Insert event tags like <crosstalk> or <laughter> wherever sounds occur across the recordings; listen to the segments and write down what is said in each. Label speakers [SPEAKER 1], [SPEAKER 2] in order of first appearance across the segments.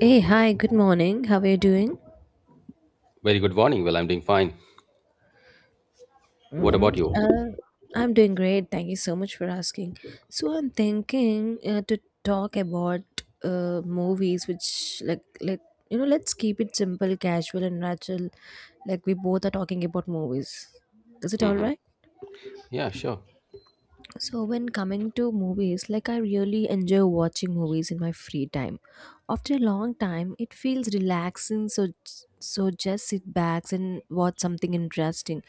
[SPEAKER 1] Hey, hi, good morning. How are you doing?
[SPEAKER 2] Very good morning. Well, I'm doing fine. What
[SPEAKER 1] Mm-hmm.
[SPEAKER 2] about you?
[SPEAKER 1] I'm doing great. Thank you so much for asking. So I'm thinking to talk about movies, which like, you know, let's keep it simple, casual, and natural. Like we both are talking about movies. Is it all
[SPEAKER 2] hmm
[SPEAKER 1] right?
[SPEAKER 2] Yeah, sure.
[SPEAKER 1] So, when coming to movies, like, I really enjoy watching movies in my free time. After a long time, it feels relaxing, so just sit back and watch something interesting.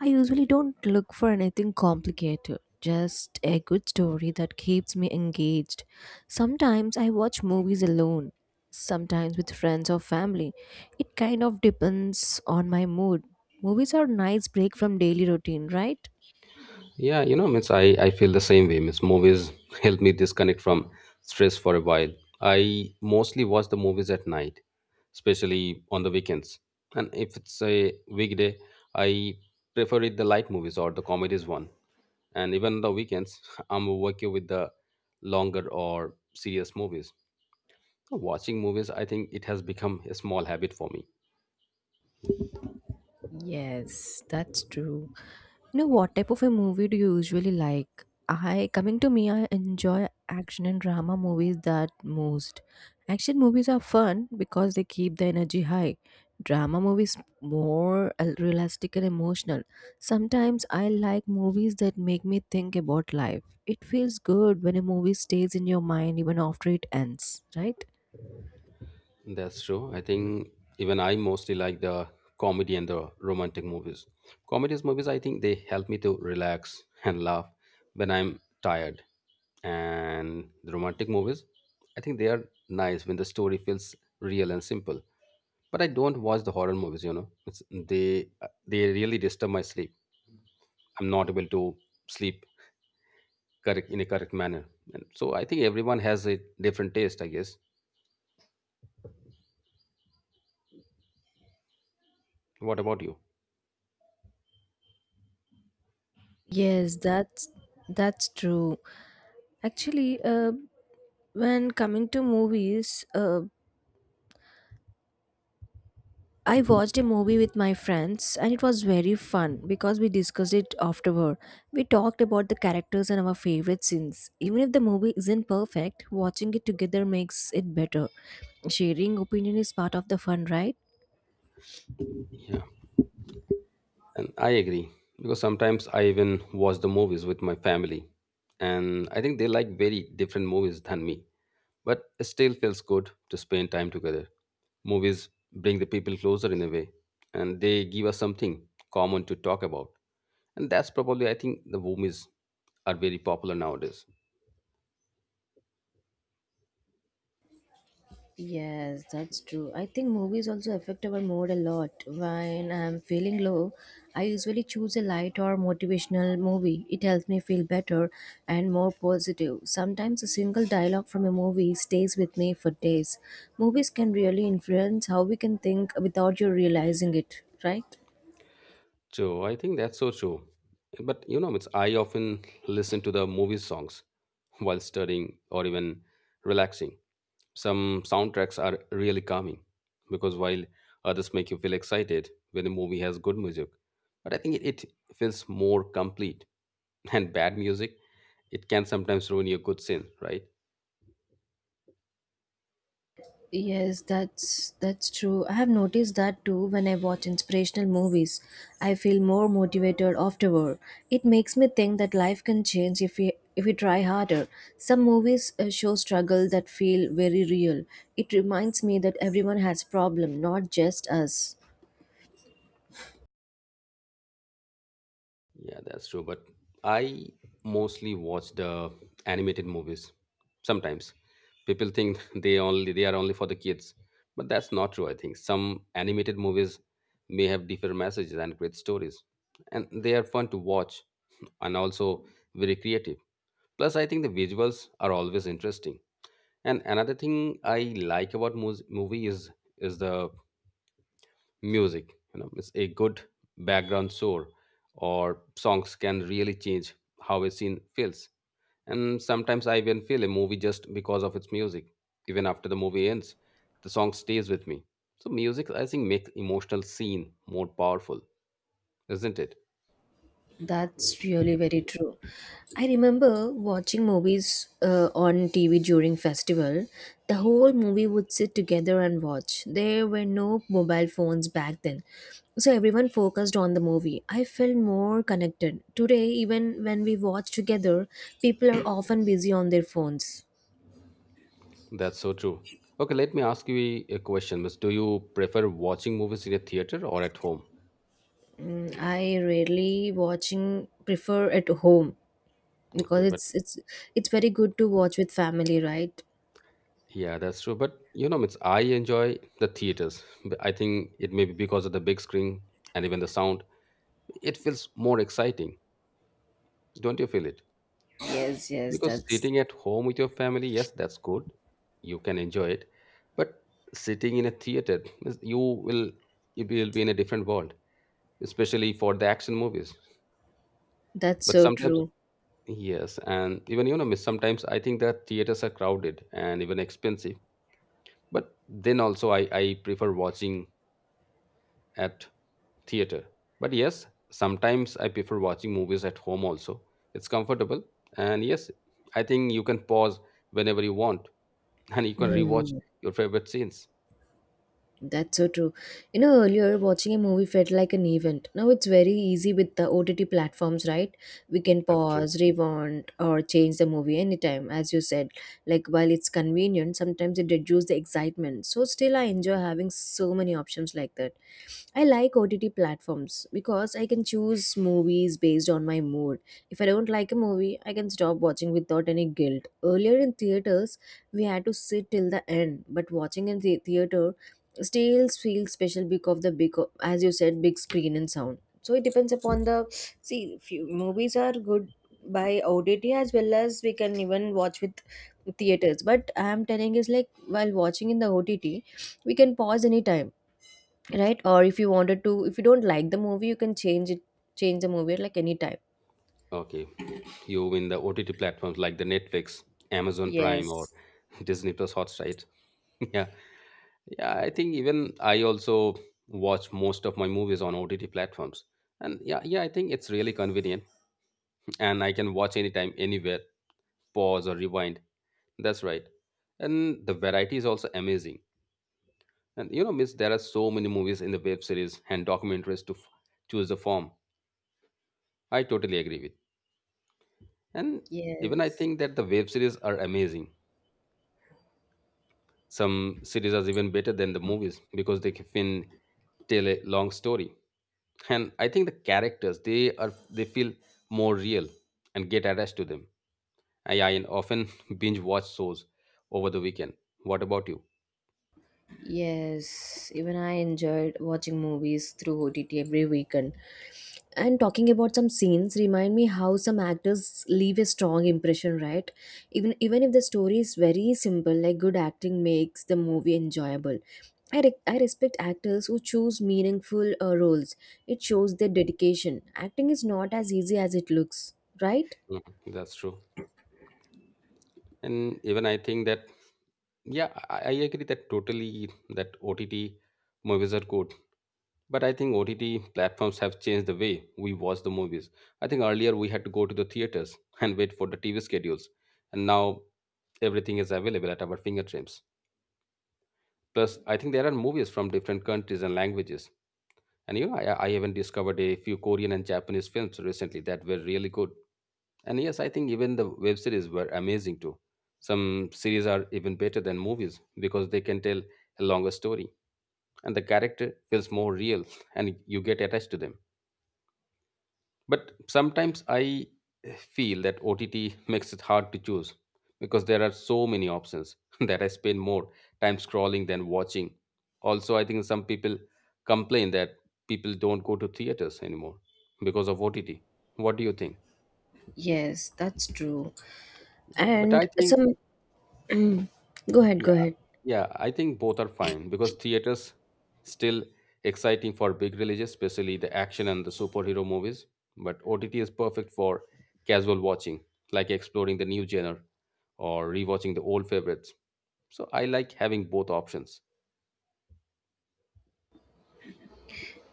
[SPEAKER 1] I usually don't look for anything complicated, just a good story that keeps me engaged. Sometimes I watch movies alone, sometimes with friends or family. It kind of depends on my mood. Movies are nice break from daily routine, right?
[SPEAKER 2] Yeah, you know, means I feel the same way. Means movies <laughs> help me disconnect from stress for a while. I mostly watch the movies at night, especially on the weekends. And if it's a weekday, I prefer it the light movies or the comedies one. And even the weekends, <laughs> I'm working with the longer or serious movies. Watching movies, I think it has become a small habit for me.
[SPEAKER 1] Yes, that's true. You know, what type of a movie do you usually like? I coming to me, I enjoy action and drama movies that most. Action movies are fun because they keep the energy high. Drama movies more realistic and emotional. Sometimes I like movies that make me think about life. It feels good when a movie stays in your mind even after it ends, right?
[SPEAKER 2] That's true. I think even I mostly like the comedy and the romantic movies. Comedies movies, I think they help me to relax and laugh when I'm tired. And the romantic movies, I think they are nice when the story feels real and simple. But I don't watch the horror movies. You know, it's, they really disturb my sleep. I'm not able to sleep correct in a correct manner. And so I think everyone has a different taste, I guess. What about you?
[SPEAKER 1] Yes, that's true. Actually, when coming to movies, I watched a movie with my friends and it was very fun because we discussed it afterward. We talked about the characters and our favorite scenes. Even if the movie isn't perfect, watching it together makes it better. Sharing opinion is part of the fun, right?
[SPEAKER 2] Yeah. And I agree, because sometimes I even watch the movies with my family, and I think they like very different movies than me. But it still feels good to spend time together. Movies bring the people closer in a way, and they give us something common to talk about. And that's probably, I think, the movies are very popular nowadays.
[SPEAKER 1] Yes, that's true. I think movies also affect our mood a lot. When I'm feeling low, I usually choose a light or motivational movie. It helps me feel better and more positive. Sometimes a single dialogue from a movie stays with me for days. Movies can really influence how we can think without you realizing it, right?
[SPEAKER 2] So I think that's so true. But you know, it's I often listen to the movie songs while studying or even relaxing. Some soundtracks are really calming because while others make you feel excited when a movie has good music, but I think it feels more complete. <laughs> And bad music, it can sometimes ruin your good scene, right?
[SPEAKER 1] Yes, that's true. I have noticed that too when I watch inspirational movies. I feel more motivated afterward. It makes me think that life can change if we try harder. Some movies show struggle that feel very real. It reminds me that everyone has problem, not just us.
[SPEAKER 2] Yeah, that's true. But I mostly watch the animated movies. Sometimes people think <laughs> they are only for the kids, but that's not true. I think some animated movies may have different messages and great stories, and they are fun to watch and also very creative. Plus, I think the visuals are always interesting. And another thing I like about movie is the music. You know, it's a good background score or songs can really change how a scene feels. And sometimes I even feel a movie just because of its music. Even after the movie ends, the song stays with me. So music, I think, makes emotional scene more powerful, isn't it?
[SPEAKER 1] That's really very true. I remember watching movies on TV during festival. The whole movie would sit together and watch. There were no mobile phones back then. So everyone focused on the movie. I felt more connected. Today, even when we watch together, people are often busy on their phones.
[SPEAKER 2] That's so true. Okay, let me ask you a question. Miss, do you prefer watching movies in a theater or at home?
[SPEAKER 1] Mm, I rarely watching prefer at home
[SPEAKER 2] Okay,
[SPEAKER 1] because
[SPEAKER 2] but
[SPEAKER 1] it's it's very good to watch with family, right?
[SPEAKER 2] yeah, that's true. But you know, Miss, I enjoy the theaters. I think it may be because of the big screen and even the sound. It feels more exciting. Don't you feel it?
[SPEAKER 1] Yes, yes,
[SPEAKER 2] Because
[SPEAKER 1] that's
[SPEAKER 2] sitting at home with your family, yes, that's good. You can enjoy it. But sitting in a theater, Miss, you will be in a different world, especially for the action movies.
[SPEAKER 1] That's
[SPEAKER 2] But
[SPEAKER 1] so
[SPEAKER 2] sometimes,
[SPEAKER 1] true.
[SPEAKER 2] yes, and even you know, Miss, sometimes I think that theaters are crowded and even expensive. But then also I prefer watching at theater. But yes, sometimes I prefer watching movies at home also. It's comfortable, and yes, I think you can pause whenever you want <laughs> and you can rewatch
[SPEAKER 1] Mm,
[SPEAKER 2] your favorite scenes.
[SPEAKER 1] that's so true. You know, earlier watching a movie felt like an event. Now it's very easy with the OTT platforms, right? We can
[SPEAKER 2] That's true.
[SPEAKER 1] pause, rewind, or change the movie anytime, as you said. Like, while it's convenient, sometimes it reduces the excitement. So, still, I enjoy having so many options like that. I like OTT platforms because I can choose movies based on my mood. If I don't like a movie, I can stop watching without any guilt. Earlier in theaters, we had to sit till the end, but watching in the theater still feels special because of the big, as you said, big screen and sound. So it depends upon the see. Few movies are good by OTT as well as we can even watch with theaters. But I am telling is like while watching in the OTT, we can pause anytime, right? Or if you wanted to, if you don't like the movie, you can change it, change the movie at like any time.
[SPEAKER 2] Okay, you in the OTT platforms like the Netflix, Amazon Prime, or
[SPEAKER 1] Yes,
[SPEAKER 2] <laughs> Disney Plus Hotstar, right? <laughs> Yeah, yeah, I think even I also watch most of my movies on OTT platforms. And yeah, yeah, I think it's really convenient and I can watch anytime, anywhere, pause or rewind. That's right. And the variety is also amazing. And you know, Miss, there are so many movies in the web series and documentaries to choose the form. I totally agree with. And even I
[SPEAKER 1] yes.
[SPEAKER 2] think that the web series are amazing. Some series are even better than the movies because they can tell a long story. And I think the characters they feel more real and get attached to them. I often <laughs> binge watch shows over the weekend. What about you?
[SPEAKER 1] Yes, even I enjoyed watching movies through OTT every weekend. And talking about some scenes, remind me how some actors leave a strong impression, right? Even if the story is very simple, like good acting makes the movie enjoyable. I respect actors who choose meaningful roles. It shows their dedication. Acting is not as easy as it looks, right?
[SPEAKER 2] Mhm, that's true. And even I think that, yeah, I agree that totally that OTT movies are good. But I think OTT platforms have changed the way we watch the movies. I think earlier we had to go to the theaters <laughs> and wait for the TV schedules, and now everything is available at our fingertips. Plus, I think there are movies from different countries and languages. And you know, I even discovered a few Korean and Japanese films recently that were really good. And yes, I think even the web series were amazing too. Some series are even better than movies because they can tell a longer story and the character feels more real <laughs> and you get attached to them. But sometimes I feel that OTT makes it hard to choose because there are so many options <laughs> that I spend more time scrolling than watching. Also, I think some people complain that people don't go to theaters anymore because of OTT. What do you think?
[SPEAKER 1] Yes, that's true.
[SPEAKER 2] Yeah, but I
[SPEAKER 1] And
[SPEAKER 2] think,
[SPEAKER 1] some go ahead, go
[SPEAKER 2] yeah.
[SPEAKER 1] ahead.
[SPEAKER 2] Yeah, I think both are fine because theaters still exciting for big releases, especially the action and the superhero movies. But OTT is perfect for casual watching, like exploring the new genre or rewatching the old favorites. So I like having both options.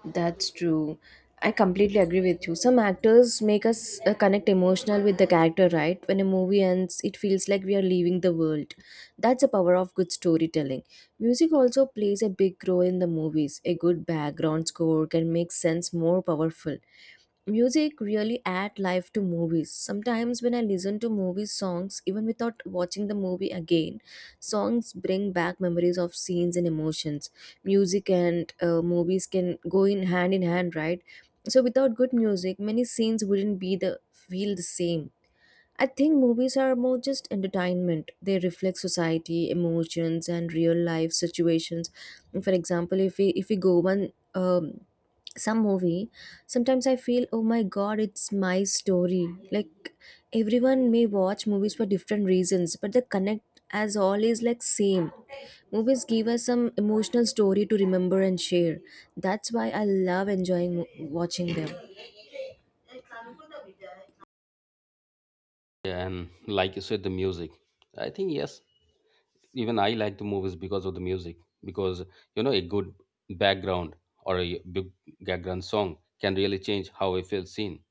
[SPEAKER 1] That's true. I completely agree with you. Some actors make us connect emotional with the character, right? When a movie ends, it feels like we are leaving the world. That's the power of good storytelling. Music also plays a big role in the movies. A good background score can make sense more powerful. Music really add life to movies. Sometimes when I listen to movie songs, even without watching the movie again, songs bring back memories of scenes and emotions. Music and movies can go in hand in hand, right? So without good music, many scenes wouldn't be the feel the same. I think movies are more just entertainment. They reflect society emotions and real life situations. For example, if we go one some movie, sometimes I feel, oh my god, it's my story. Like, everyone may watch movies for different reasons, but the connect as always like same. Movies give us some emotional story to remember and share. That's why I love watching them.
[SPEAKER 2] Yeah, and like you said, the music. I think yes, even I like the movies because of the music. Because you know, a good background or a big background song can really change how I feel seen.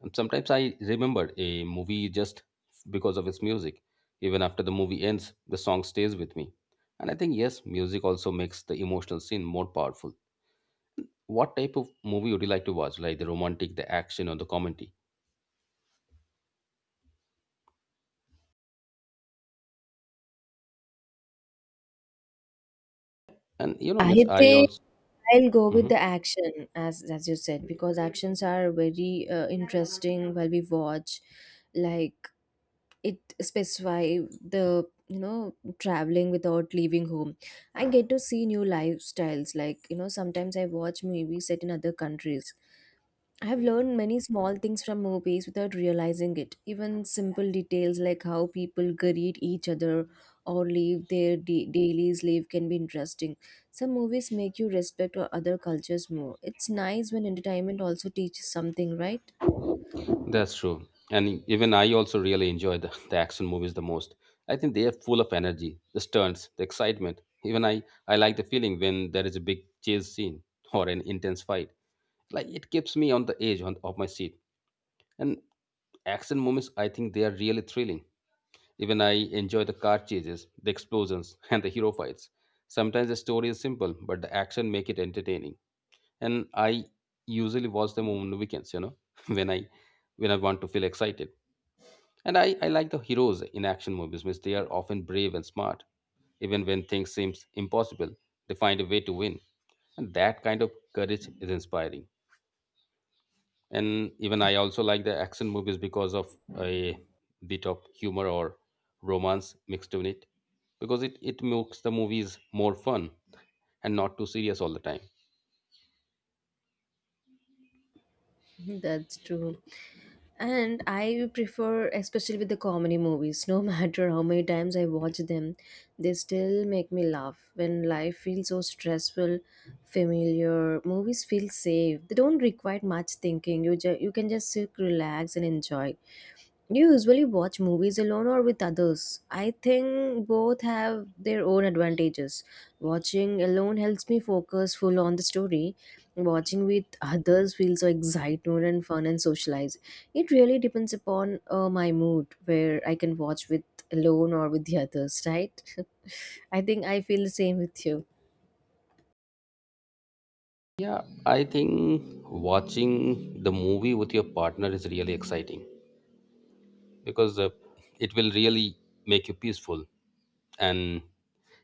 [SPEAKER 2] And sometimes I remembered a movie just because of its music. Even after the movie ends, the song stays with me. And I think, yes, music also makes the emotional scene more powerful. What type of movie would you like to watch? Like the romantic, the action, or the comedy? And you know,
[SPEAKER 1] I
[SPEAKER 2] Miss, I
[SPEAKER 1] think
[SPEAKER 2] also.
[SPEAKER 1] I'll go with
[SPEAKER 2] Mhm.
[SPEAKER 1] the action as you said, because actions are very interesting while we watch. Like, it specify the, you know, traveling without leaving home. I get to see new lifestyles. Like, you know, sometimes I watch movies set in other countries. I have learned many small things from movies without realizing it. Even simple details like how people greet each other or live their dailies live can be interesting. Some movies make you respect or other cultures more. It's nice when entertainment also teaches something, right?
[SPEAKER 2] That's true. And even I also really enjoy the action movies the most. I think they are full of energy, the stunts, the excitement. Even I like the feeling when there is a big chase scene <laughs> or an intense fight. Like it keeps me on the edge on, of my seat. And action movies, I think they are really thrilling. Even I enjoy the car chases, the explosions, <laughs> and the hero fights. Sometimes the story is simple, but the action make it entertaining. And I usually watch them on the weekends, you know, <laughs> when I when I want to feel excited. And I like the heroes in action movies because they are often brave and smart. Even when things seem impossible, they find a way to win. And that kind of courage is inspiring. And even I also like the action movies because of a bit of humor or romance mixed in it. Because it makes the movies more fun and not too serious all the time.
[SPEAKER 1] <laughs> That's true. And I prefer, especially with the comedy movies, no <laughs> matter how many times I watch them, they still make me laugh. When life feels so stressful, familiar, movies feel safe. They don't require much thinking. You can just sit, relax, and enjoy. Do you usually watch movies alone or with others? I think both have their own advantages. Watching alone helps me focus full on the story. Watching with others feels so excitement and fun and socialize. It really depends upon my mood where I can watch with alone or with the others, right? <laughs> I think I feel the same with you.
[SPEAKER 2] Yeah, I think watching the movie with your partner is really exciting because it will really make you peaceful, and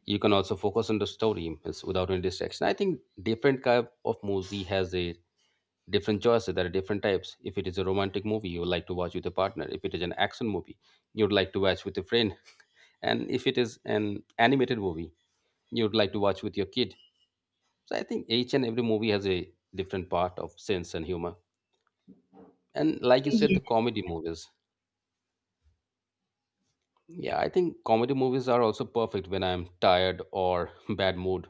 [SPEAKER 2] you can also focus on the story. It's without any distraction. I think different kind of movie has a different choices. There are different types. If it is a romantic movie, you would like to watch with a partner. If it is an action movie, you would like to watch with a friend. <laughs> And if it is an animated movie, you would like to watch with your kid. So I think each and every movie has a different part of sense and humor. And like you said, the comedy movies, yeah, I think comedy movies are also perfect when I'm tired or <laughs> bad mood.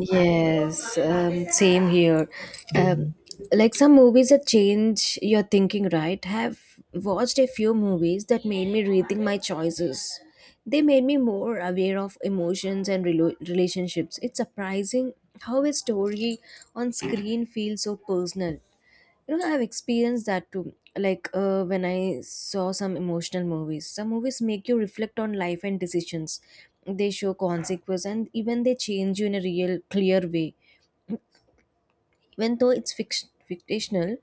[SPEAKER 1] Yes, same here. Um, like some movies that change your thinking, right? Have watched a few movies that made me rethink my choices. They made me more aware of emotions and relationships. It's surprising how a story on screen feels so personal. You know, I've experienced that too. Like, when I saw some emotional movies, some movies make you reflect on life and decisions. They show consequences, and even they change you in a real clear way. Even though it's fictional,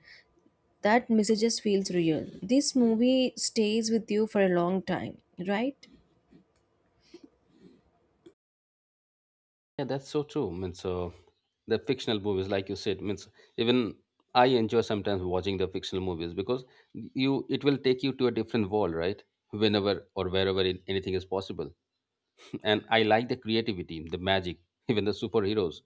[SPEAKER 1] that messages feels real. This movie stays with you for a long time, right?
[SPEAKER 2] Yeah, that's so true. Means the fictional movies, like you said, means even I enjoy sometimes watching the fictional movies because you it will take you to a different world, right? Whenever or wherever it, anything is possible, <laughs> and I like the creativity, the magic, <laughs> even the superheroes.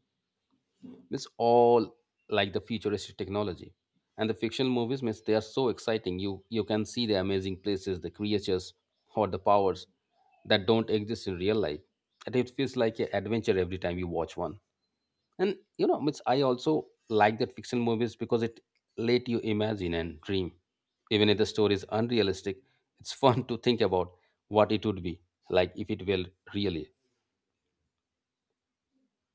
[SPEAKER 2] It's all like the futuristic technology, and the fictional movies means they are so exciting. You can see the amazing places, the creatures, or the powers that don't exist in real life, and it feels like an adventure every time you watch one. And you know it's, I also like that fiction movies because it let you imagine and dream. Even if the story is unrealistic, it's <laughs> fun to think about what it would be like if it will really.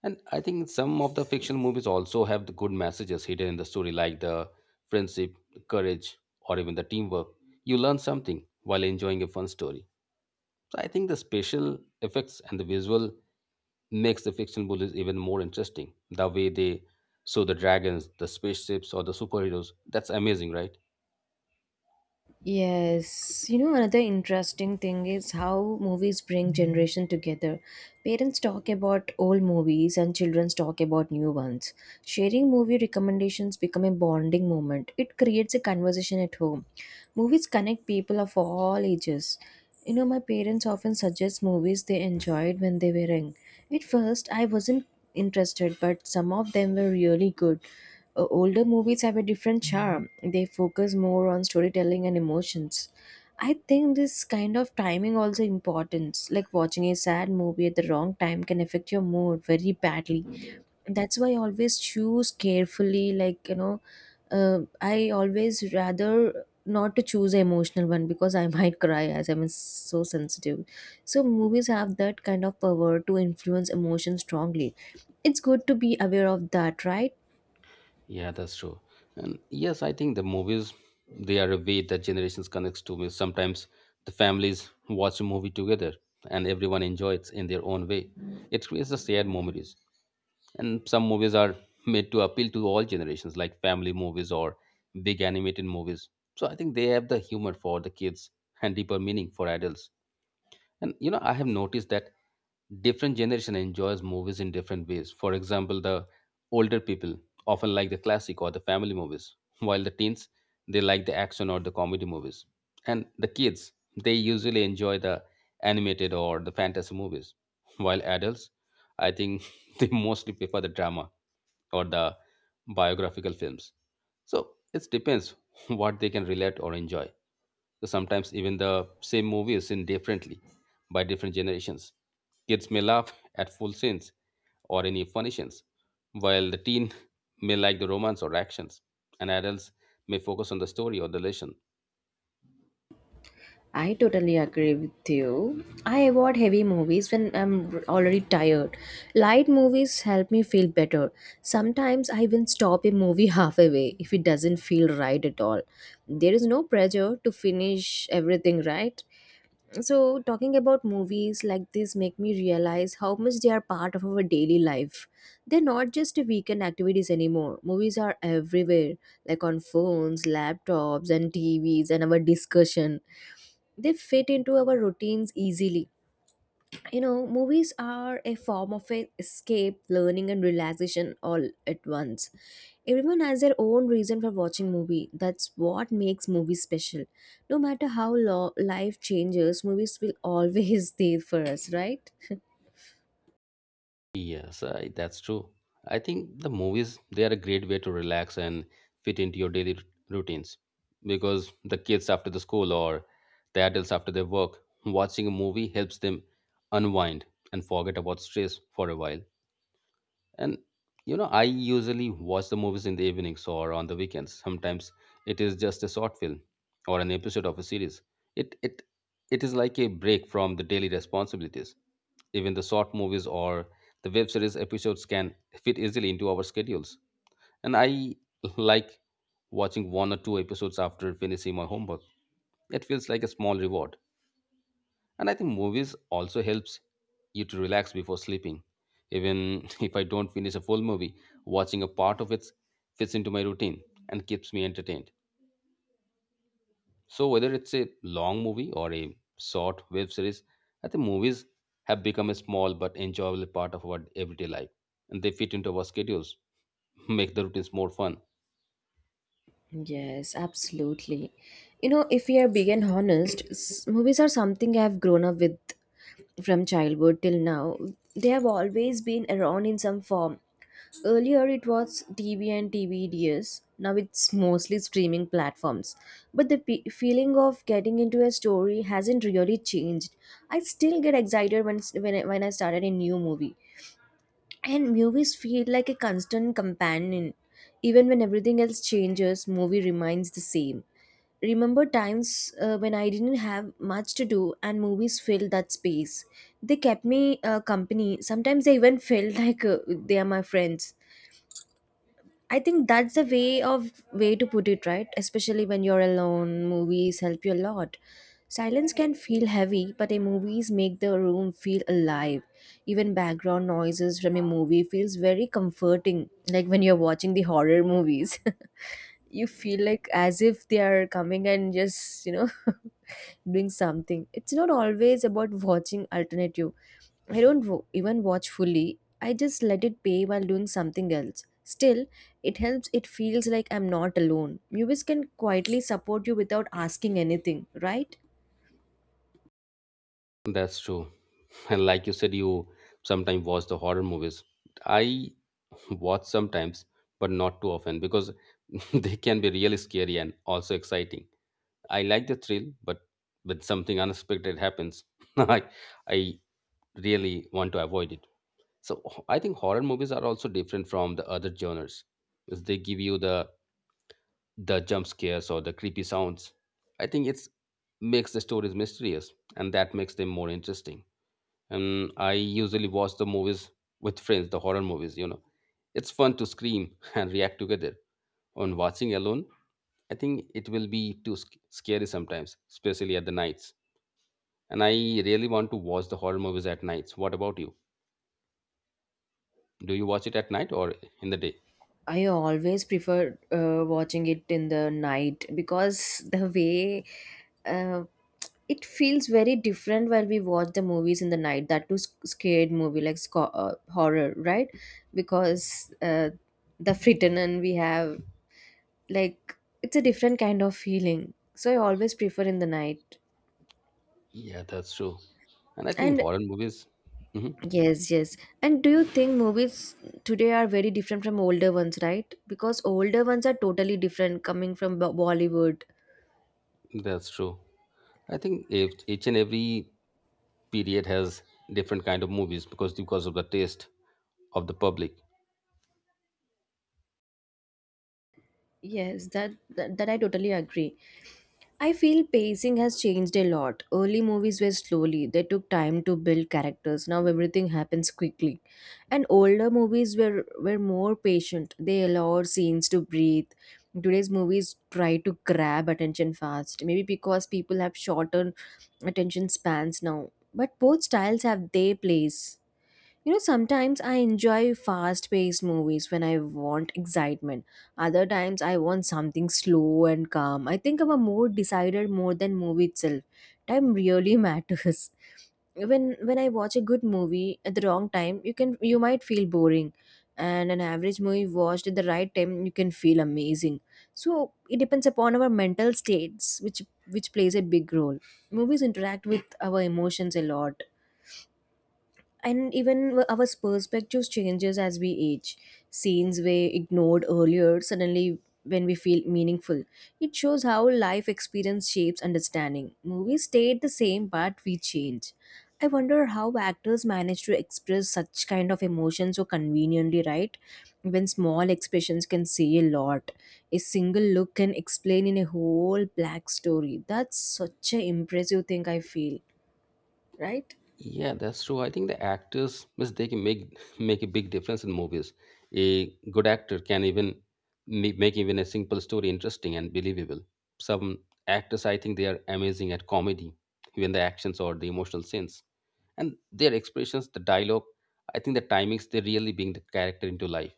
[SPEAKER 2] And I think some of the fiction movies also have the good messages hidden in the story, like the friendship, courage, or even the teamwork. You learn something while enjoying a fun story. So I think the special effects and the visual makes the fictional bullies even more interesting. The way they show the dragons, the spaceships, or the superheroes, that's amazing, right?
[SPEAKER 1] Yes, you know, another interesting thing is how movies bring generation together. Parents talk about old movies and children talk about new ones. Sharing movie recommendations become a bonding moment. It creates a conversation at home. Movies connect people of all ages. You know, my parents often suggest movies they enjoyed when they were young. At first, I wasn't interested, but some of them were really good. Older movies have a different charm. They focus more on storytelling and emotions. I think this kind of timing also important. Like, watching a sad movie at the wrong time can affect your mood very badly. That's why I always choose carefully, like, you know, I always rather not to choose an emotional one because I <laughs> might cry as I'm so sensitive. So movies have that kind of power to influence emotion strongly. It's good to be aware of that, right?
[SPEAKER 2] Yeah, that's true. And yes, I think the movies they are a way that generations connects to me. Sometimes the families watch a movie together and everyone enjoys in their own way. It creates the shared memories. And some movies are made to appeal to all generations, like family movies or big animated movies. So I think they have the humor for the kids and deeper meaning for adults. And you know, I have noticed that different generation enjoys movies in different ways. For example, the older people often like the classic or the family movies, while the teens they like the action or the comedy movies. And the kids, they usually enjoy the animated or the fantasy movies, while adults, I think <laughs> they mostly prefer the drama or the biographical films. So, it depends what they can relate or enjoy. So sometimes even the same movie is seen differently by different generations. Kids may laugh at full scenes or any funny scenes, while the teen may like the romance or actions, and adults may focus on the story or the lesson.
[SPEAKER 1] I totally agree with you. I avoid heavy movies when I'm already tired. Light movies help me feel better. Sometimes I even stop a movie <laughs> halfway if it doesn't feel right at all. There is no pressure to finish everything right. So talking about movies like this make me realize how much they are part of our daily life. They're not just weekend activities anymore. Movies are everywhere, like on phones, laptops, and TVs. And our discussion, they fit into our routines easily. You know, movies are a form of a escape, learning, and relaxation all at once. Everyone has their own reason for watching movie. That's what makes movies special. No matter how life changes, movies will always <laughs> stay for us, right?
[SPEAKER 2] Yes, I, that's true. I think the movies they are a great way to relax and fit into your daily routines because the kids after the school or the adults after their work watching a movie helps them unwind and forget about stress for a while. And you know, I usually watch the movies in the evenings or on the weekends. Sometimes it is just a short film or an episode of a series. It it it is like a break from the daily responsibilities. Even the short movies or the web series episodes can fit easily into our schedules. And I like watching one or two episodes after finishing my homework. It feels like a small reward. And I think movies also helps you to relax before sleeping. Even <laughs> if I don't finish a full movie, watching a part of it fits into my routine and keeps me entertained. So whether it's a long movie or a short web series, I think movies have become a small but enjoyable part of our everyday life. And they fit into our schedules, <laughs> make the routines more fun.
[SPEAKER 1] Yes, absolutely. You know, if we are big and honest, movies are something I have grown up with from childhood till now. They have always been around in some form. Earlier it was TV and DVDs. Now it's mostly streaming platforms. But the pe feeling of getting into a story hasn't really changed. I still get excited when when I started a new movie. And movies feel like a constant companion. Even when everything else changes, movie remains the same. Remember times when I didn't have much to do and movies filled that space. They kept me company. Sometimes they even <laughs> felt like they are my friends. I think that's the way to put it, right? Especially when you're alone, movies help you a lot. Silence can feel heavy, but the movies make the room feel alive. Even background noises from a movie feels very comforting, like when you're watching the horror movies. <laughs> You feel like as if they are coming and just, you know, <laughs> doing something. It's not always about watching alternative. I don't wo- even watch fully. I just let it play while doing something else. Still, it helps. It feels like I'm not alone. Movies can quietly support you without asking anything, right?
[SPEAKER 2] That's true. <laughs> And like you said, you sometimes watch the horror movies. I watch sometimes, but not too often because <laughs> they can be really scary and also exciting. I like the thrill, but when something unexpected happens, <laughs> I, I really want to avoid it. So I think horror movies are also different from the other genres, because they give you the jump scares or the creepy sounds. I think it's makes the stories mysterious, and that makes them more interesting. And I usually watch the movies with friends, the horror movies. You know, it's fun to scream <laughs> and react together on watching alone, I think it will be too scary sometimes, especially at the nights. And I really want to watch the horror movies at nights. What about you? Do you watch it at night or in the day?
[SPEAKER 1] I always prefer watching it in the night because the way uh, it feels very different while we watch the movies in the night. That too scared movie like horror, right? Because the frittenin we have, like it's a different kind of feeling. So I always prefer in the night.
[SPEAKER 2] Yeah, that's true. And I think
[SPEAKER 1] And
[SPEAKER 2] horror movies, mhm,
[SPEAKER 1] yes, yes. And do you think movies today are very different from older ones, right? Because older ones are totally different coming from Bollywood.
[SPEAKER 2] that's true. I think if each and every period has different kind of movies because of the taste of the public.
[SPEAKER 1] Yes, that I totally agree. I feel pacing has changed a lot. Early movies were slowly; they took time to build characters. Now everything happens quickly, and older movies were more patient. They allowed scenes to breathe. Today's movies try to grab attention fast. Maybe because people have shorter attention spans now. But both styles have their place. You know, sometimes I enjoy fast paced movies when I want excitement. Other times I want something slow and calm. I think I'm a more decider more than movie itself. Time really <laughs> matters. When I watch a good movie at the wrong time, you might feel boring. And an average movie watched at the right time, you can feel amazing. So it depends upon our mental states, which plays a big role. Movies interact with our emotions a lot, and even our perspectives changes as we age. Scenes we ignored earlier suddenly when we feel meaningful, it shows how life experience shapes understanding. Movies stayed the same, but we change. I wonder how actors manage to express such kind of emotions so conveniently, right? When small expressions can say a lot, a single look can explain in a whole black story. That's such an impressive thing I feel, right?
[SPEAKER 2] Yeah, that's true. I think the actors mistake can make <laughs> make a big difference in movies. A good actor can even make even a simple story interesting and believable. Some actors, I think, they are amazing at comedy, even the actions or the emotional scenes, and their expressions, the dialogue. I think the timings they really bring the character into life.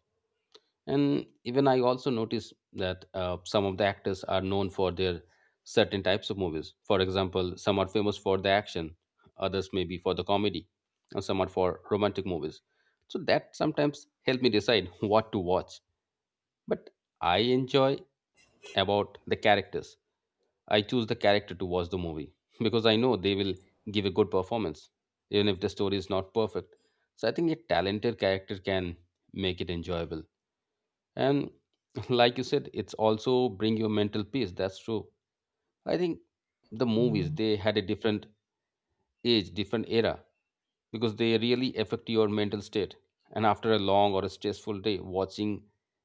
[SPEAKER 2] And even I also notice that some of the actors are known for their certain types of movies. For example, some are famous for the action, others may be for the comedy, and some are for romantic movies. So that sometimes help me decide <laughs> what to watch. But I enjoy about the characters, I choose the character to watch the movie <laughs> because I know they will give a good performance even if the story is not perfect. So I think a talented character can make it enjoyable. And <laughs> like you said, it's also bring your mental peace. That's true. I think the movies they had a different age, different era, because they really affect your mental state. And after a long or a stressful day, watching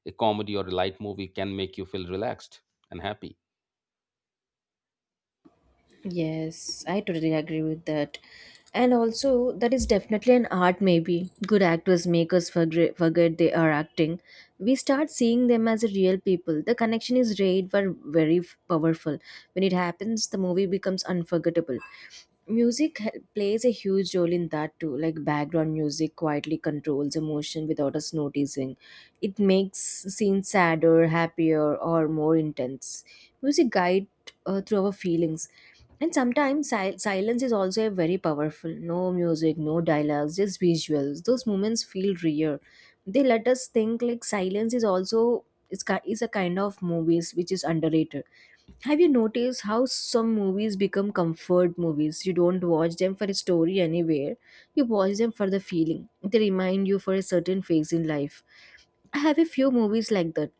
[SPEAKER 2] a comedy or a light movie can make you feel relaxed and happy.
[SPEAKER 1] Yes, I totally agree with that. And also, that is definitely an art, maybe. Good actors make us forget they are acting. We start seeing them as real people. The connection is rare but very powerful. When it happens, the movie becomes unforgettable. Music plays a huge role in that too. Like background music quietly controls emotion without us noticing. It makes scenes sadder, happier, or more intense. Music guide through our feelings. And sometimes silence is also a very powerful. No music, no dialogues, just visuals. Those moments feel real. They let us think. Like silence is is a kind of movies which is underrated. Have you noticed how some movies become comfort movies? You don't watch them for a story anywhere. You watch them for the feeling. They remind you for a certain phase in life. I have a few movies like that.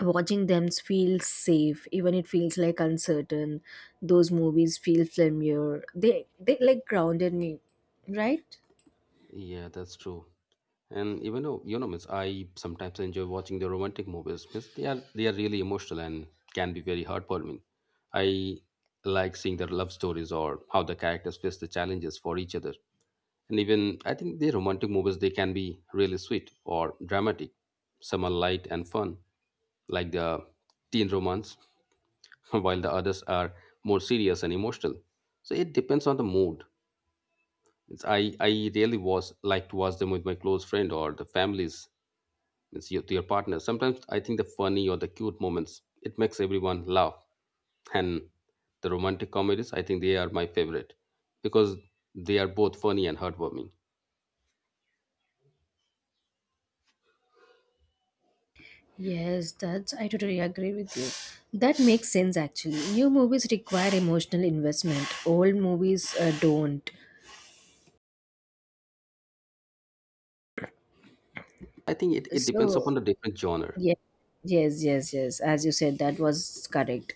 [SPEAKER 1] Watching them feels safe, even it feels like uncertain. Those movies feel familiar. They like grounded me, right?
[SPEAKER 2] Yeah, that's true. And even though you know, miss, I sometimes enjoy watching the romantic movies. Miss, they are really emotional and can be very heartwarming. I like seeing their love stories or how the characters face the challenges for each other. And even I think the romantic movies they can be really sweet or dramatic. Some are light and fun, like the teen romance, <laughs> while the others are more serious and emotional. So it depends on the mood. Means I really was like to watch them with my close friend or the families, means your partner. Sometimes I think the funny or the cute moments, it makes everyone laugh. And the romantic comedies, I think they are my favorite because they are both funny and heartwarming.
[SPEAKER 1] Yes, that's I totally agree with you. That makes sense actually. New movies require emotional investment. Old movies don't.
[SPEAKER 2] I think it depends upon
[SPEAKER 1] So
[SPEAKER 2] the different genre.
[SPEAKER 1] yes, yes, yes, yes. As you said, that was correct.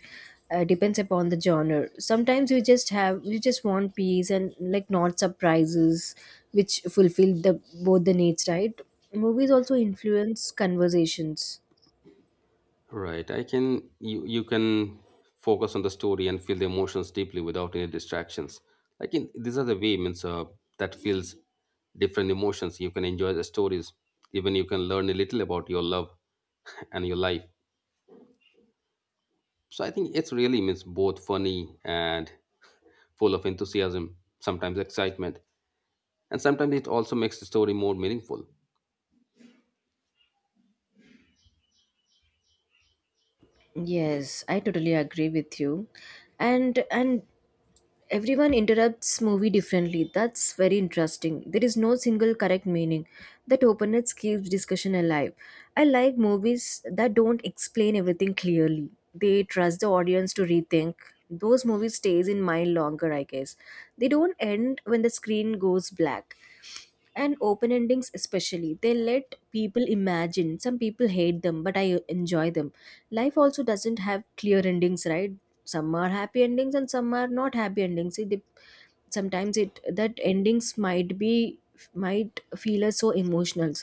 [SPEAKER 1] Depends upon the genre. Sometimes you just have You just want peace and like not surprises, which fulfill the both the needs, right? Movies also influence conversations.
[SPEAKER 2] Right. I can you can focus on the story and feel the emotions deeply without any distractions. Like in these are the way means that feels different emotions. You can enjoy the stories. Even you can learn a little about your love <laughs> and your life. So I think it's really means both funny and full of enthusiasm, sometimes excitement, and sometimes it also makes the story more meaningful.
[SPEAKER 1] Yes, I totally agree with you. And everyone interprets movie differently. That's very interesting. There is no single correct meaning. That openness keeps discussion alive. I like movies that don't explain everything clearly. They trust the audience to rethink. Those movies stays in mind longer, I guess. They don't end when the screen goes black. And open endings especially, they let people imagine. Some people hate them, but I enjoy them. Life also doesn't have clear endings, right? Some are happy endings and some are not happy endings. It sometimes it that endings might be, might feel us so emotional.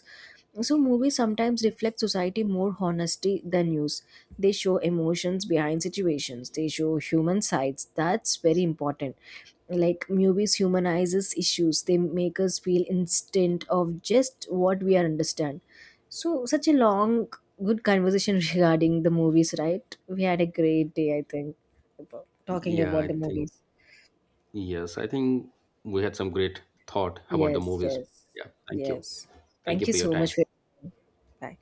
[SPEAKER 1] So movies sometimes reflect society more honesty than news. They show emotions behind situations. They show human sides. That's very important. Like movies humanizes issues. They make us feel instant of just what we are understand. So such a long good conversation <laughs> regarding the movies, right? We had a great day I think about talking
[SPEAKER 2] Yeah,
[SPEAKER 1] about
[SPEAKER 2] I
[SPEAKER 1] the
[SPEAKER 2] think
[SPEAKER 1] movies.
[SPEAKER 2] Yes, I think we had some great thought about the
[SPEAKER 1] Yes,
[SPEAKER 2] movies.
[SPEAKER 1] yes,
[SPEAKER 2] Yeah, thank you.
[SPEAKER 1] yes.
[SPEAKER 2] Thank
[SPEAKER 1] Thank
[SPEAKER 2] you
[SPEAKER 1] you
[SPEAKER 2] for your
[SPEAKER 1] so
[SPEAKER 2] time.
[SPEAKER 1] much for. Bye.